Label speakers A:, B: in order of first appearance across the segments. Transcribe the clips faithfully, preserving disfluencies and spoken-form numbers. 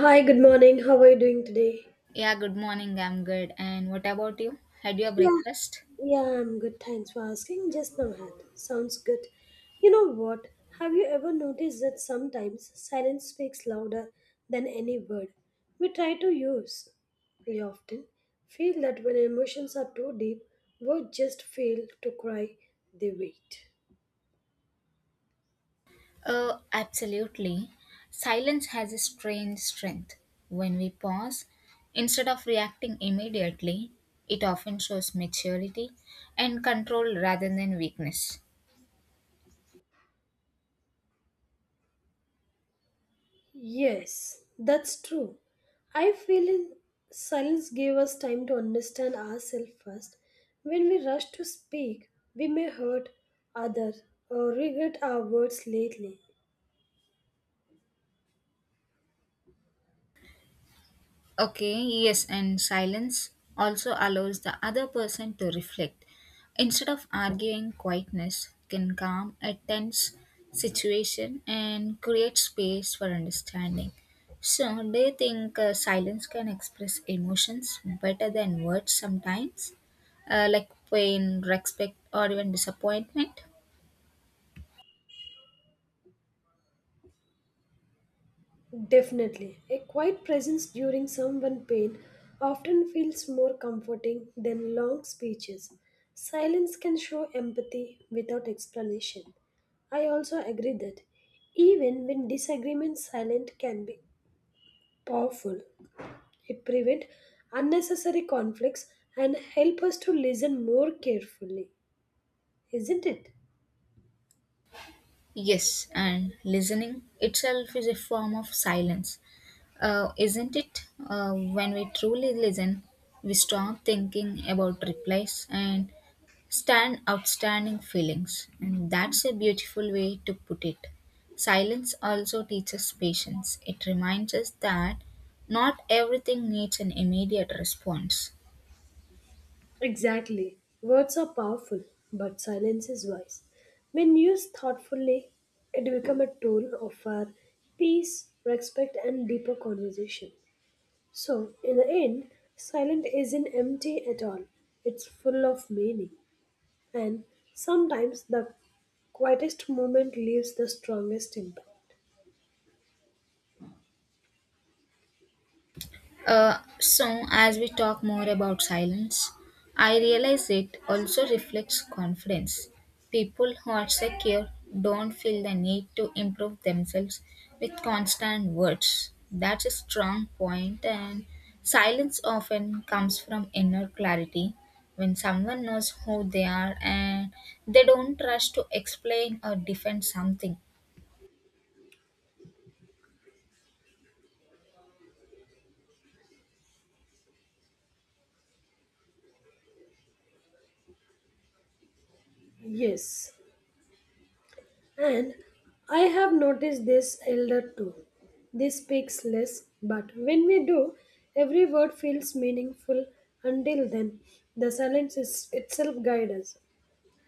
A: Hi, good morning. How are you doing today?
B: Yeah, good morning. I'm good. And what about you? Had your
A: Yeah.
B: breakfast?
A: Yeah, I'm good. Thanks for asking. Just now had. Sounds good. You know what? Have you ever noticed that sometimes silence speaks louder than any word we try to use? We often feel that when emotions are too deep, words just fail to cry, they wait.
B: Oh, absolutely. Silence has a strange strength. When we pause, instead of reacting immediately, it often shows maturity and control rather than weakness.
A: Yes, that's true. I feel in silence gave us time to understand ourselves first. When we rush to speak, we may hurt others or regret our words lately.
B: Okay, yes, and silence also allows the other person to reflect. Instead of arguing, quietness can calm a tense situation and create space for understanding. So, do you think uh, silence can express emotions better than words sometimes? Uh, like pain, respect, or even disappointment?
A: Definitely, a quiet presence during someone's pain often feels more comforting than long speeches. Silence can show empathy without explanation. I also agree that even when disagreement silent can be powerful. It prevents unnecessary conflicts and help us to listen more carefully, isn't it?
B: Yes, and listening itself is a form of silence, uh, isn't it? Uh, when we truly listen, we stop thinking about replies and stand outstanding feelings, and that's a beautiful way to put it. Silence also teaches patience, it reminds us that not everything needs an immediate response.
A: Exactly. Words are powerful, but silence is wise. When used thoughtfully, it becomes a tool of our peace, respect, and deeper conversation. So, in the end, silent isn't empty at all. It's full of meaning. And sometimes the quietest moment leaves the strongest impact.
B: Uh, so, as we talk more about silence, I realize it also reflects confidence. People who are secure don't feel the need to improve themselves with constant words. That's a strong point, and silence often comes from inner clarity. When someone knows who they are and they don't rush to explain or defend something.
A: Yes, and I have noticed this elder too. They speaks less, but when we do, every word feels meaningful. Until then, the silence is itself guides us.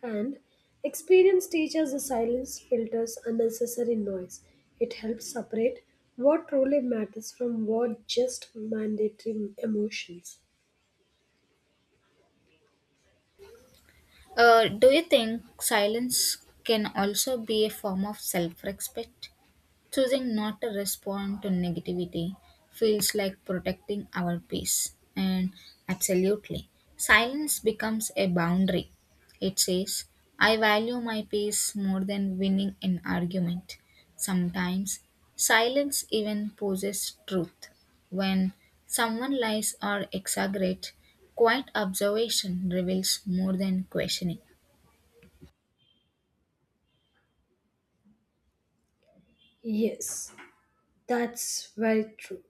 A: And experience teaches the silence filters unnecessary noise. It helps separate what truly matters from what just mandatory emotions.
B: Uh, do you think silence can also be a form of self respect? Choosing not to respond to negativity feels like protecting our peace. And absolutely, silence becomes a boundary. It says, I value my peace more than winning an argument. Sometimes, silence even poses truth. When someone lies or exaggerates, quiet observation reveals more than questioning.
A: Yes, that's very true.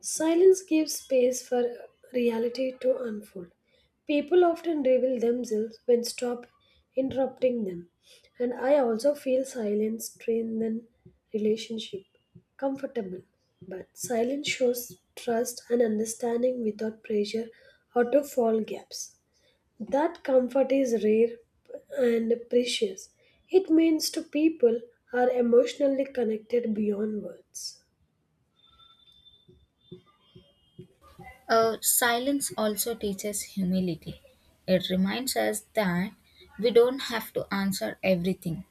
A: Silence gives space for reality to unfold. People often reveal themselves when stop interrupting them. And I also feel silence strengthens relationship comfortable. But silence shows trust and understanding without pressure or to fall gaps. That comfort is rare and precious. It means to people are emotionally connected beyond words.
B: Uh, silence also teaches humility. It reminds us that we don't have to answer everything,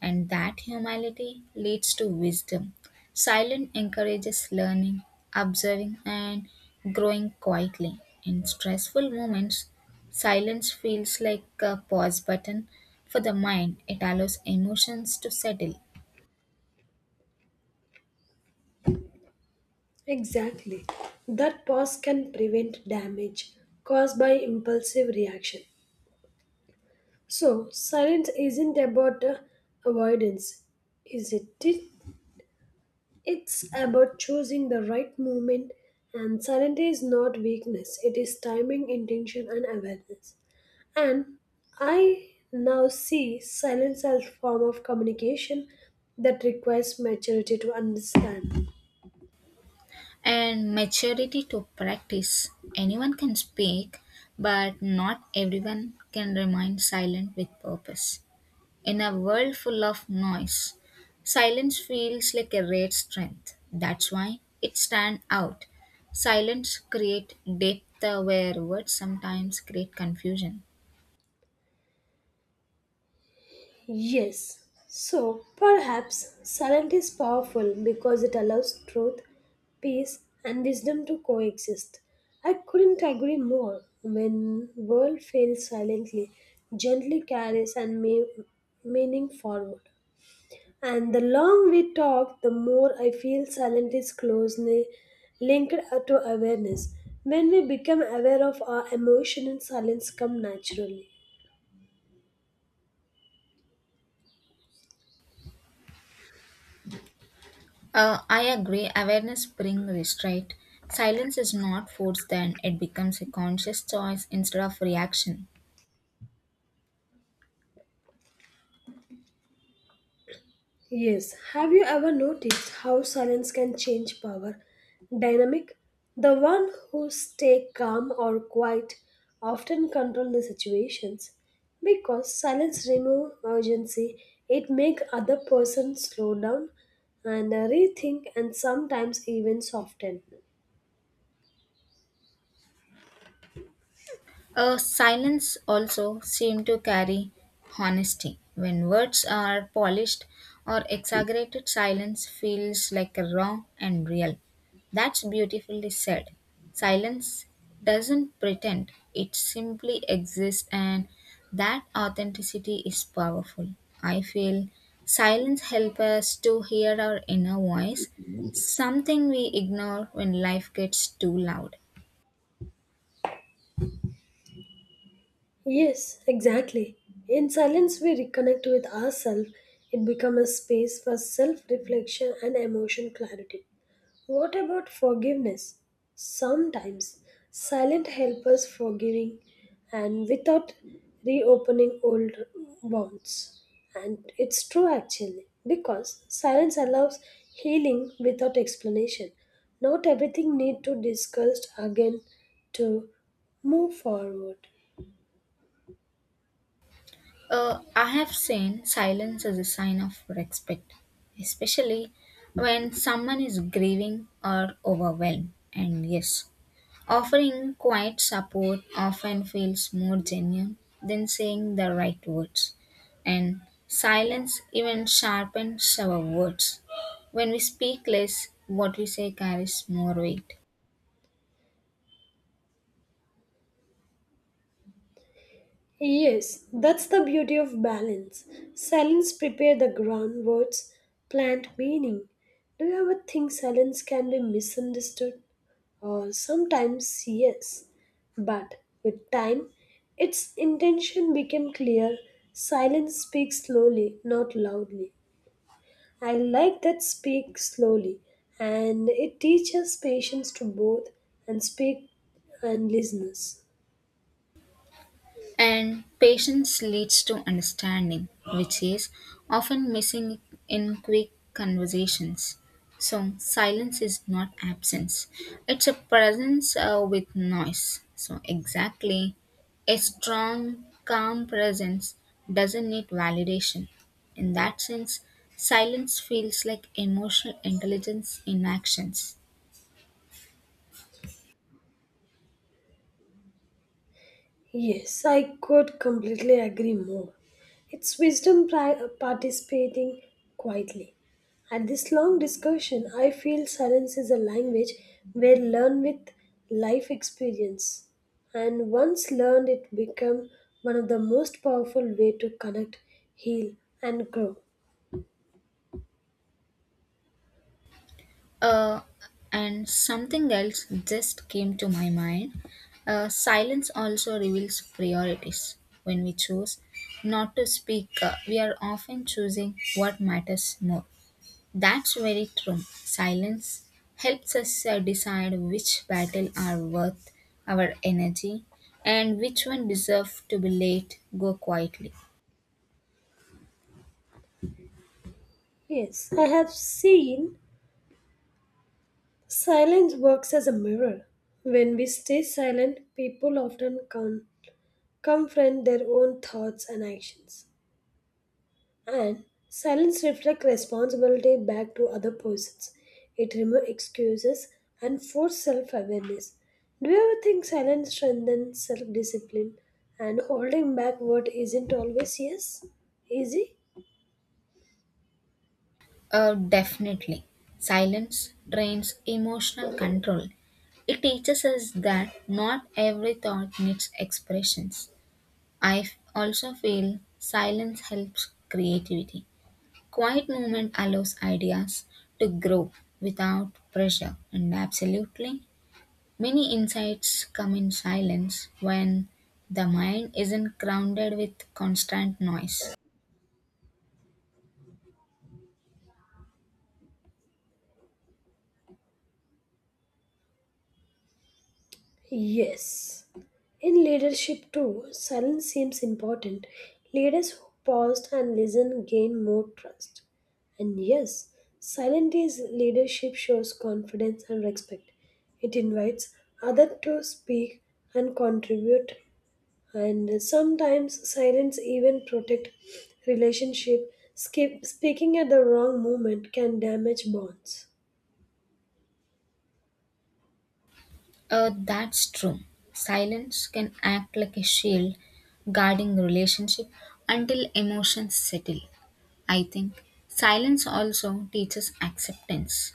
B: and that humility leads to wisdom. Silence encourages learning, observing, and growing quietly. In stressful moments, silence feels like a pause button for the mind, it allows emotions to settle.
A: Exactly. That pause can prevent damage caused by impulsive reaction. So, silence isn't about uh, avoidance, is it? It- It's about choosing the right moment, and silence is not weakness, it is timing, intention, and awareness. And I now see silence as form of communication that requires maturity to understand.
B: And maturity to practice. Anyone can speak, but not everyone can remain silent with purpose. In a world full of noise, silence feels like a rare strength. That's why it stands out. Silence creates depth uh, where words sometimes create confusion.
A: Yes. So perhaps silence is powerful because it allows truth, peace, and wisdom to coexist. I couldn't agree more. When world fails silently, gently carries and may, meaning forward. And the long we talk, the more I feel silent is closely linked to awareness. When we become aware of our emotion, and silence come naturally.
B: Uh, I agree. Awareness brings restraint. Silence is not forced, then it becomes a conscious choice instead of reaction.
A: Yes, have you ever noticed how silence can change power dynamic? The one who stay calm or quiet often control the situations because silence remove urgency. It make other person slow down and uh, rethink and sometimes even soften.
B: Uh, silence also seemed to carry honesty. When words are polished or exaggerated, silence feels like raw and real. That's beautifully said. Silence doesn't pretend, it simply exists, and that authenticity is powerful. I feel silence helps us to hear our inner voice, something we ignore when life gets too loud.
A: Yes, exactly. In silence, we reconnect with ourselves. It becomes a space for self reflection and emotion clarity. What about forgiveness? Sometimes silent help us forgiving and without reopening old wounds. And it's true actually, because silence allows healing without explanation. Not everything need to discussed again to move forward.
B: Uh, I have seen silence as a sign of respect, especially when someone is grieving or overwhelmed. And yes, offering quiet support often feels more genuine than saying the right words. And silence even sharpens our words. When we speak less, what we say carries more weight.
A: Yes, that's the beauty of balance. Silence prepare the ground, words plant meaning. Do you ever think silence can be misunderstood? Uh, sometimes yes, but with time, its intention became clear. Silence speaks slowly, not loudly. I like that speak slowly, and it teaches patience to both and speak and listeners.
B: And patience leads to understanding, which is often missing in quick conversations. So, silence is not absence, it's a presence uh, with noise. So, exactly, a strong, calm presence doesn't need validation. In that sense, silence feels like emotional intelligence in actions.
A: Yes, I could completely agree more. It's wisdom pri- uh, participating quietly. At this long discussion, I feel silence is a language where learn with life experience. And once learned, it become one of the most powerful way to connect, heal, and grow.
B: Uh, and something else just came to my mind. Uh, silence also reveals priorities. When we choose not to speak, uh, we are often choosing what matters more. That's very true. Silence helps us uh, decide which battle are worth our energy and which one deserve to be let go quietly.
A: Yes, I have seen silence works as a mirror. When we stay silent, people often come confront their own thoughts and actions. And silence reflects responsibility back to other persons. It removes excuses and forces self awareness. Do you ever think silence strengthens self discipline and holding back what isn't always yes? Easy?
B: Uh, definitely. Silence trains emotional control. It teaches us that not every thought needs expressions. I f- also feel silence helps creativity. Quiet movement allows ideas to grow without pressure, and absolutely, many insights come in silence when the mind isn't grounded with constant noise.
A: Yes. In leadership, too, silence seems important. Leaders who pause and listen gain more trust. And yes, silent is leadership shows confidence and respect. It invites others to speak and contribute. And sometimes silence even protect relationship. Skip, speaking at the wrong moment can damage bonds.
B: Uh, that's true. Silence can act like a shield guarding relationship until emotions settle. I think silence also teaches acceptance.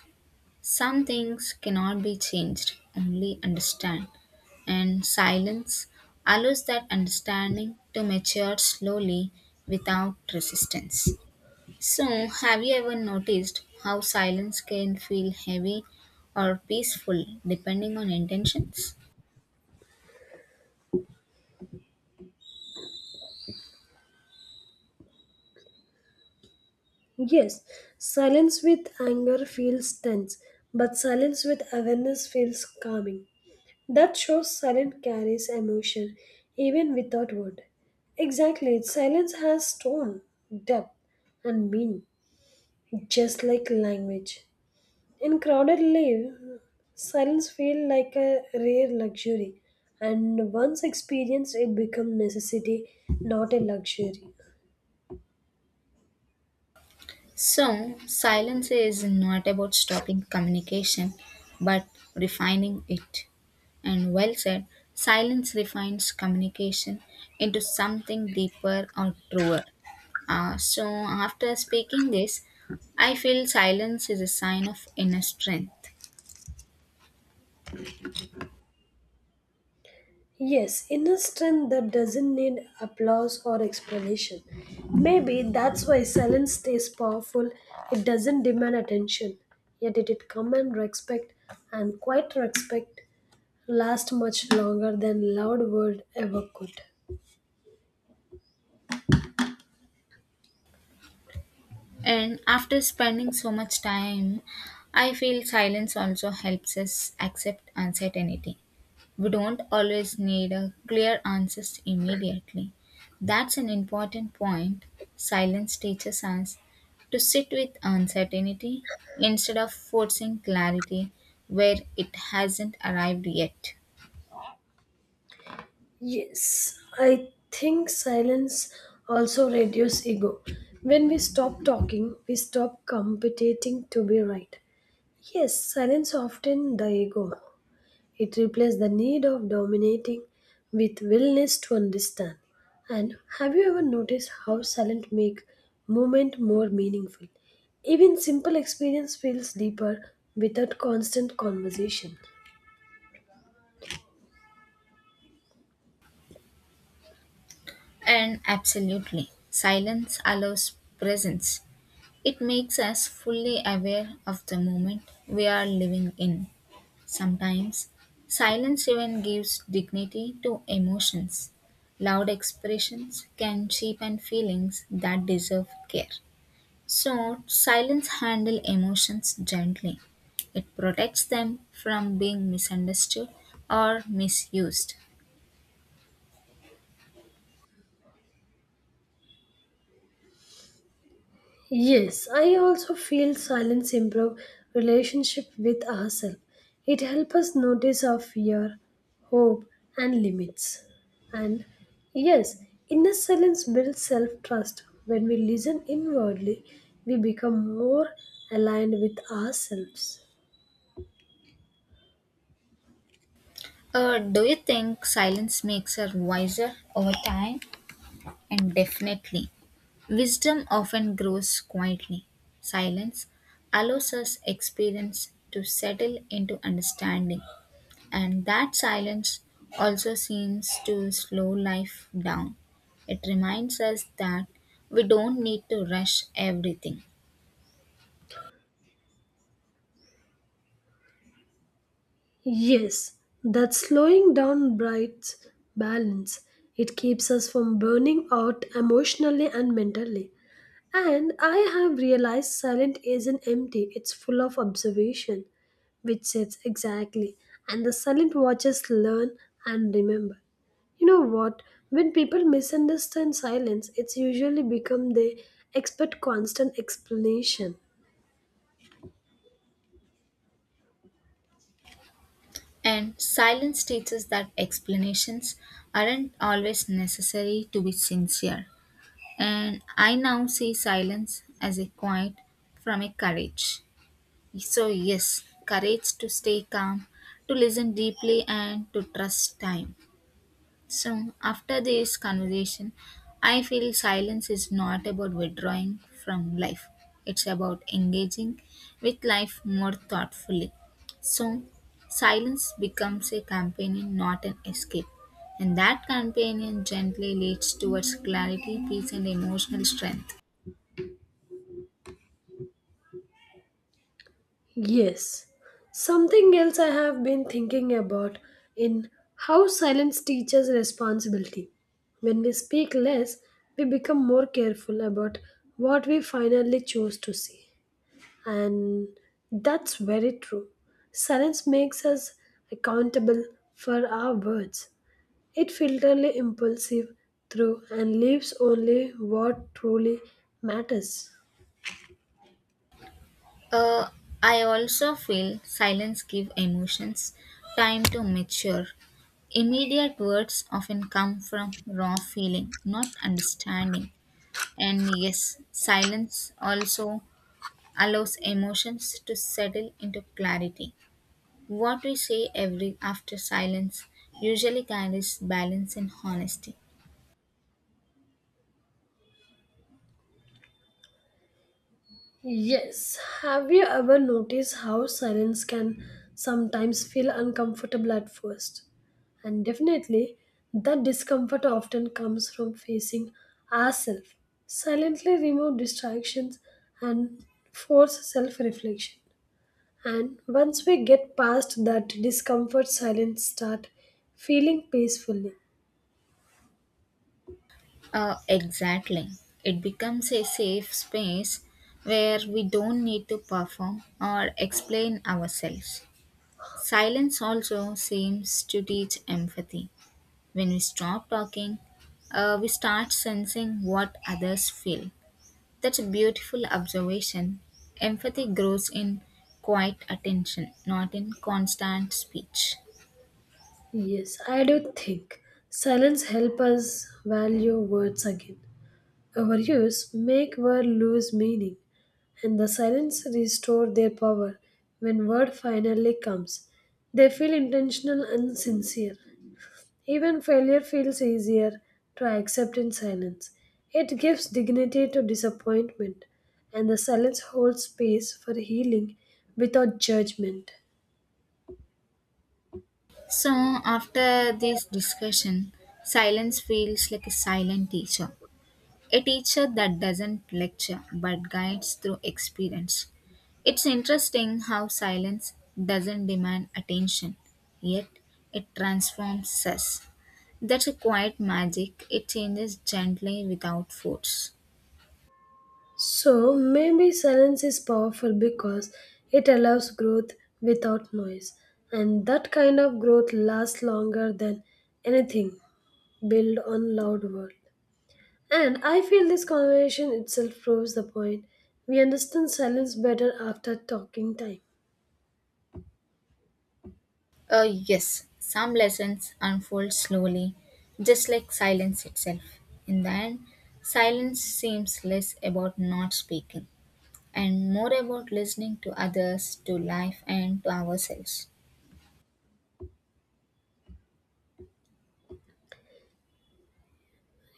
B: Some things cannot be changed, only understand. And silence allows that understanding to mature slowly without resistance. So, have you ever noticed how silence can feel heavy or peaceful depending on intentions?
A: Yes, silence with anger feels tense, but silence with awareness feels calming. That shows silence carries emotion even without word. Exactly, silence has tone, depth, and meaning, just like language. In crowded life, silence feels like a rare luxury, and once experienced, it becomes necessity, not a luxury.
B: So, silence is not about stopping communication, but refining it. And well said, silence refines communication into something deeper or truer. Uh, so, after speaking this, I feel silence is a sign of inner strength.
A: Yes, inner strength that doesn't need applause or explanation. Maybe that's why silence stays powerful. It doesn't demand attention, yet it, it command respect, and quiet respect lasts much longer than loud word ever could.
B: And after spending so much time, I feel silence also helps us accept uncertainty. We don't always need a clear answers immediately. That's an important point. Silence teaches us to sit with uncertainty instead of forcing clarity where it hasn't arrived yet.
A: Yes, I think silence also reduces ego. When we stop talking, we stop competing to be right. Yes, silence often the ego. It replaced the need of dominating with willingness to understand. And have you ever noticed how silent make movement more meaningful? Even simple experience feels deeper without constant conversation.
B: And absolutely, silence allows presence. It makes us fully aware of the moment we are living in. Sometimes, silence even gives dignity to emotions. Loud expressions can cheapen feelings that deserve care. So, silence handle emotions gently. It protects them from being misunderstood or misused.
A: Yes, I also feel silence improve relationship with ourselves. It helps us notice our fear, hope, and limits. And yes, inner silence builds self-trust. When we listen inwardly, we become more aligned with ourselves.
B: Uh, do you think silence makes her wiser over time? And definitely. Wisdom often grows quietly. Silence allows us experience to settle into understanding, and that silence also seems to slow life down. It reminds us that we don't need to rush everything.
A: Yes, that slowing down brights balance. It keeps us from burning out emotionally and mentally. And I have realized silent isn't empty, it's full of observation, which sits exactly. And the silent watchers learn and remember. You know what? When people misunderstand silence, it's usually become they expect constant explanation.
B: And silence teaches that explanations aren't always necessary to be sincere. And I now see silence as a quiet from a courage. So, yes, courage to stay calm, to listen deeply, and to trust time. So, after this conversation, I feel silence is not about withdrawing from life, it's about engaging with life more thoughtfully. So, silence becomes a companion, not an escape. And that companion gently leads towards clarity, peace, and emotional strength.
A: Yes. Something else I have been thinking about in how silence teaches responsibility. When we speak less, we become more careful about what we finally choose to see. And that's very true. Silence makes us accountable for our words. It filters the impulsive through and leaves only what truly matters.
B: Uh, I also feel silence give emotions time to mature. Immediate words often come from raw feeling, not understanding. And yes, silence also allows emotions to settle into clarity. What we say every after silence usually carries balance and honesty.
A: Yes. Have you ever noticed how silence can sometimes feel uncomfortable at first? And definitely, that discomfort often comes from facing ourselves. Silently remove distractions and force self reflection. And once we get past that discomfort, silence start feeling peacefully.
B: Uh, exactly. It becomes a safe space where we don't need to perform or explain ourselves. Silence also seems to teach empathy. When we stop talking, uh, we start sensing what others feel. That's a beautiful observation. Empathy grows in quiet attention, not in constant speech.
A: Yes, I do think silence help us value words again. Our use make word lose meaning, and the silence restore their power when word finally comes. They feel intentional and sincere. Even failure feels easier to accept in silence. It gives dignity to disappointment, and the silence holds space for healing without judgment.
B: So, after this discussion, silence feels like a silent teacher. A teacher that doesn't lecture but guides through experience. It's interesting how silence doesn't demand attention, yet it transforms us. That's a quiet magic, it changes gently without force.
A: So maybe silence is powerful because it allows growth without noise, and that kind of growth lasts longer than anything built on loud world. And I feel this conversation itself proves the point. We understand silence better after talking time.
B: Uh, yes, some lessons unfold slowly, just like silence itself. In the end, silence seems less about not speaking and more about listening to others, to life, and to ourselves.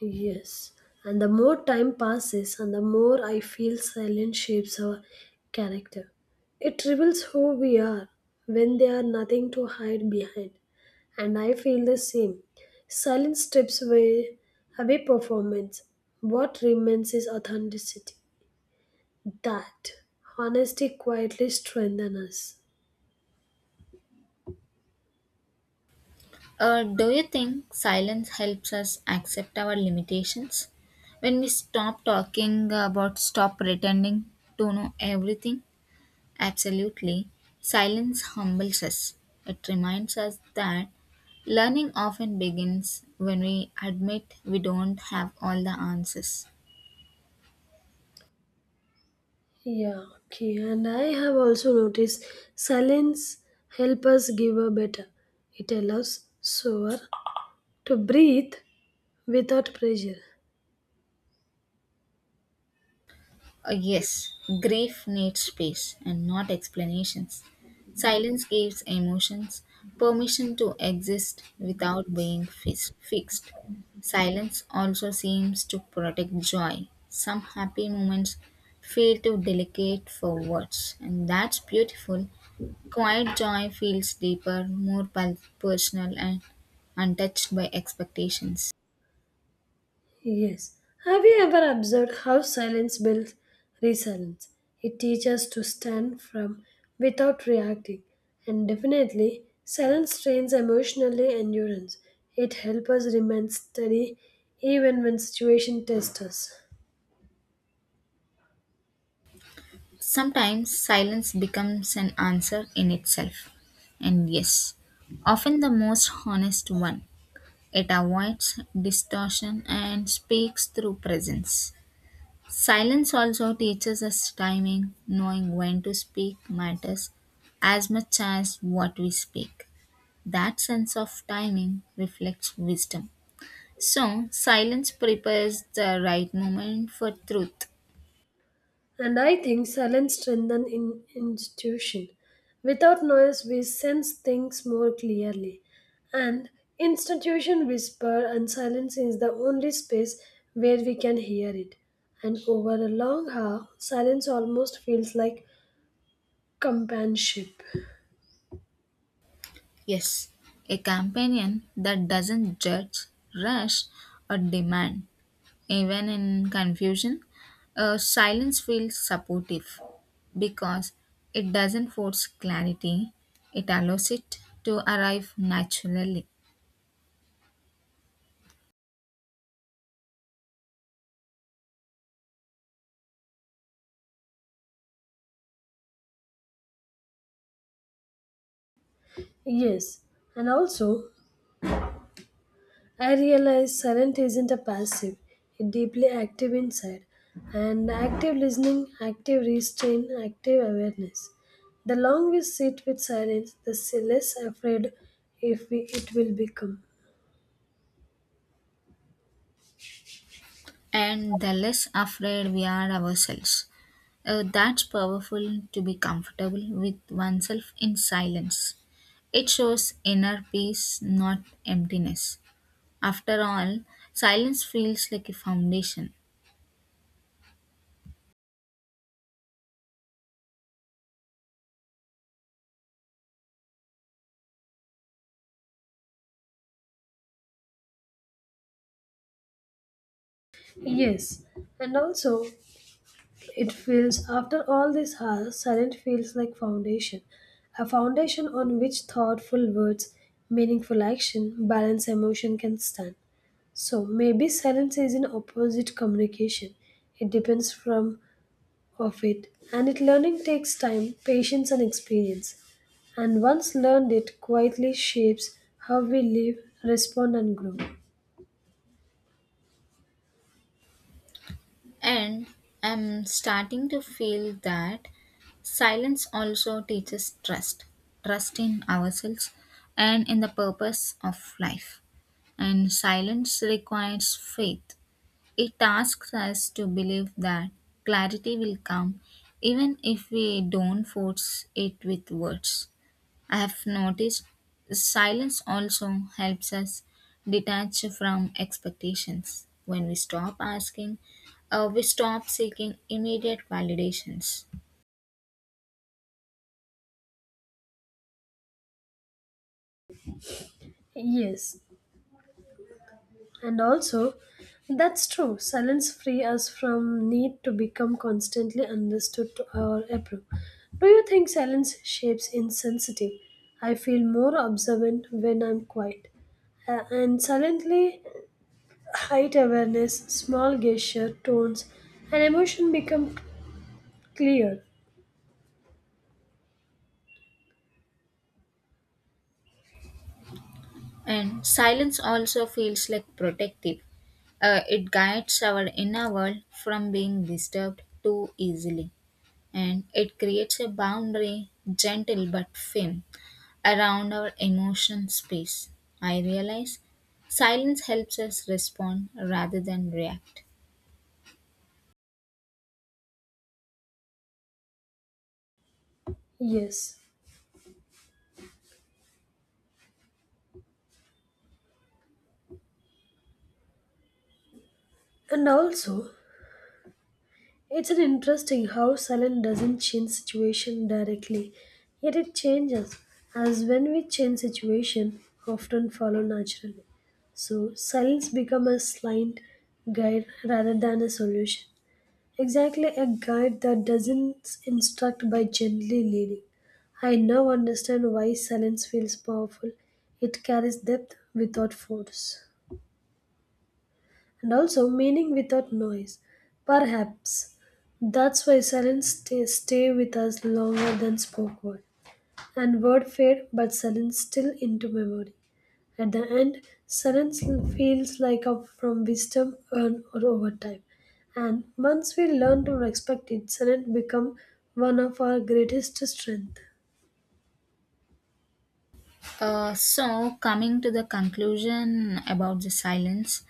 A: Yes, and the more time passes, and the more I feel silence shapes our character. It reveals who we are when there are nothing to hide behind. And I feel the same. Silence strips away, away performance. What remains is authenticity. That honesty quietly strengthens us.
B: Uh, do you think silence helps us accept our limitations? When we stop talking about stop pretending to know everything? Absolutely. Silence humbles us. It reminds us that learning often begins when we admit we don't have all the answers.
A: Yeah, okay. And I have also noticed silence help us give a better. It allows slower, to breathe without pressure.
B: Uh, yes, grief needs space and not explanations. Silence gives emotions permission to exist without being fis- fixed. Silence also seems to protect joy. Some happy moments feel too delicate for words, and that's beautiful. Quiet joy feels deeper, more pul- personal, and untouched by expectations.
A: Yes. Have you ever observed how silence builds resilience? It teaches us to stand firm without reacting. And definitely, silence trains emotionally endurance. It helps us remain steady even when situation tests us.
B: Sometimes silence becomes an answer in itself. And yes, often the most honest one. It avoids distortion and speaks through presence. Silence also teaches us timing, knowing when to speak matters as much as what we speak. That sense of timing reflects wisdom. So, silence prepares the right moment for truth.
A: And I think silence strengthens in institution. Without noise, we sense things more clearly. And institution whisper and silence is the only space where we can hear it. And over a long hour, silence almost feels like companionship.
B: Yes, a companion that doesn't judge, rush, or demand. Even in confusion, uh, silence feels supportive because it doesn't force clarity, it allows it to arrive naturally.
A: Yes, and also I realize silent isn't a passive, it deeply active inside. And active listening, active restraint, active awareness. The longer we sit with silence, the s- less afraid if we, it will become.
B: And the less afraid we are ourselves, uh, that's powerful to be comfortable with oneself in silence. It shows inner peace, not emptiness. After all, silence feels like a foundation.
A: Yes, and also it feels after all these hours, silent feels like foundation, a foundation on which thoughtful words, meaningful action, balanced emotion can stand. So maybe silence is an opposite communication. It depends from of it, and it learning takes time, patience, and experience. And once learned, it quietly shapes how we live, respond, and grow.
B: And I'm starting to feel that silence also teaches trust trust in ourselves and in the purpose of life. And silence requires faith. It asks us to believe that clarity will come even if we don't force it with words. I have noticed silence also helps us detach from expectations. When we stop asking, uh, we stop seeking immediate validations.
A: Yes, and also that's true. Silence free us from need to become constantly understood to our approved. Do you think silence shapes insensitive? I feel more observant when I'm quiet. Uh, and silently height awareness, small gesture, tones, and emotion become clear.
B: And silence also feels like protective. Uh, it guides our inner world from being disturbed too easily. And it creates a boundary, gentle but firm, around our emotion space. I realize silence helps us respond rather than react.
A: Yes, and also it's an interesting how silence doesn't change situation directly, yet it changes as when we change situation often follow naturally. So silence become a slight guide rather than a solution. Exactly a guide that doesn't instruct by gently leading. I now understand why silence feels powerful. It carries depth without force, and also meaning without noise. Perhaps that's why silence stay, stay with us longer than spoke word, and word fade, but silence still into memory. At the end, silence feels like a from wisdom earned or over time. And once we learn to respect it, silence becomes one of our greatest strength.
B: Uh, so, coming to the conclusion about the silence,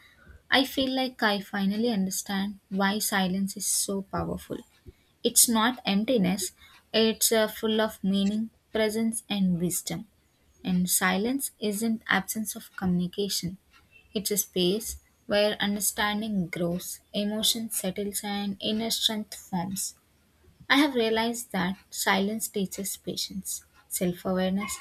B: I feel like I finally understand why silence is so powerful. It's not emptiness, it's uh, full of meaning, presence, and wisdom. And silence isn't absence of communication, it's a space where understanding grows, emotion settles, and inner strength forms. I have realized that silence teaches patience, self awareness,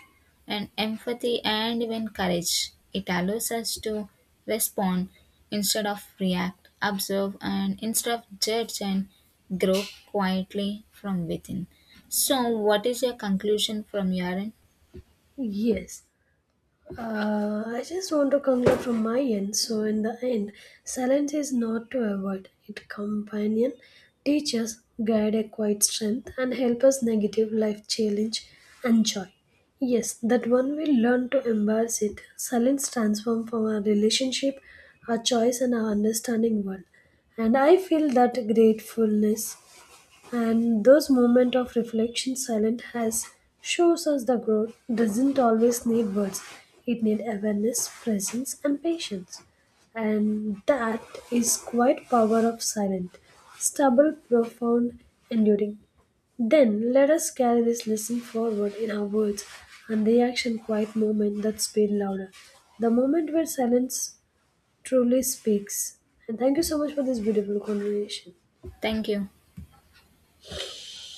B: and empathy, and even courage. It allows us to respond instead of react, observe, and instead of judge, and grow quietly from within. So, what is your conclusion from your end?
A: Yes. Uh, I just want to conclude from my end. So, in the end, silence is not to avoid it, companion, teaches, guide a quiet strength, and help us negative life challenge and joy. Yes, that when we learn to embrace it, silence transform from our relationship, our choice, and our understanding world. And I feel that gratefulness and those moments of reflection silent has shows us the growth doesn't always need words, it need awareness presence and patience, and that is quite power of silent stable profound enduring, then let us carry this lesson forward in our words and the action quiet moment that speak louder, the moment where silence truly speaks. And thank you so much for this beautiful conversation.
B: Thank you.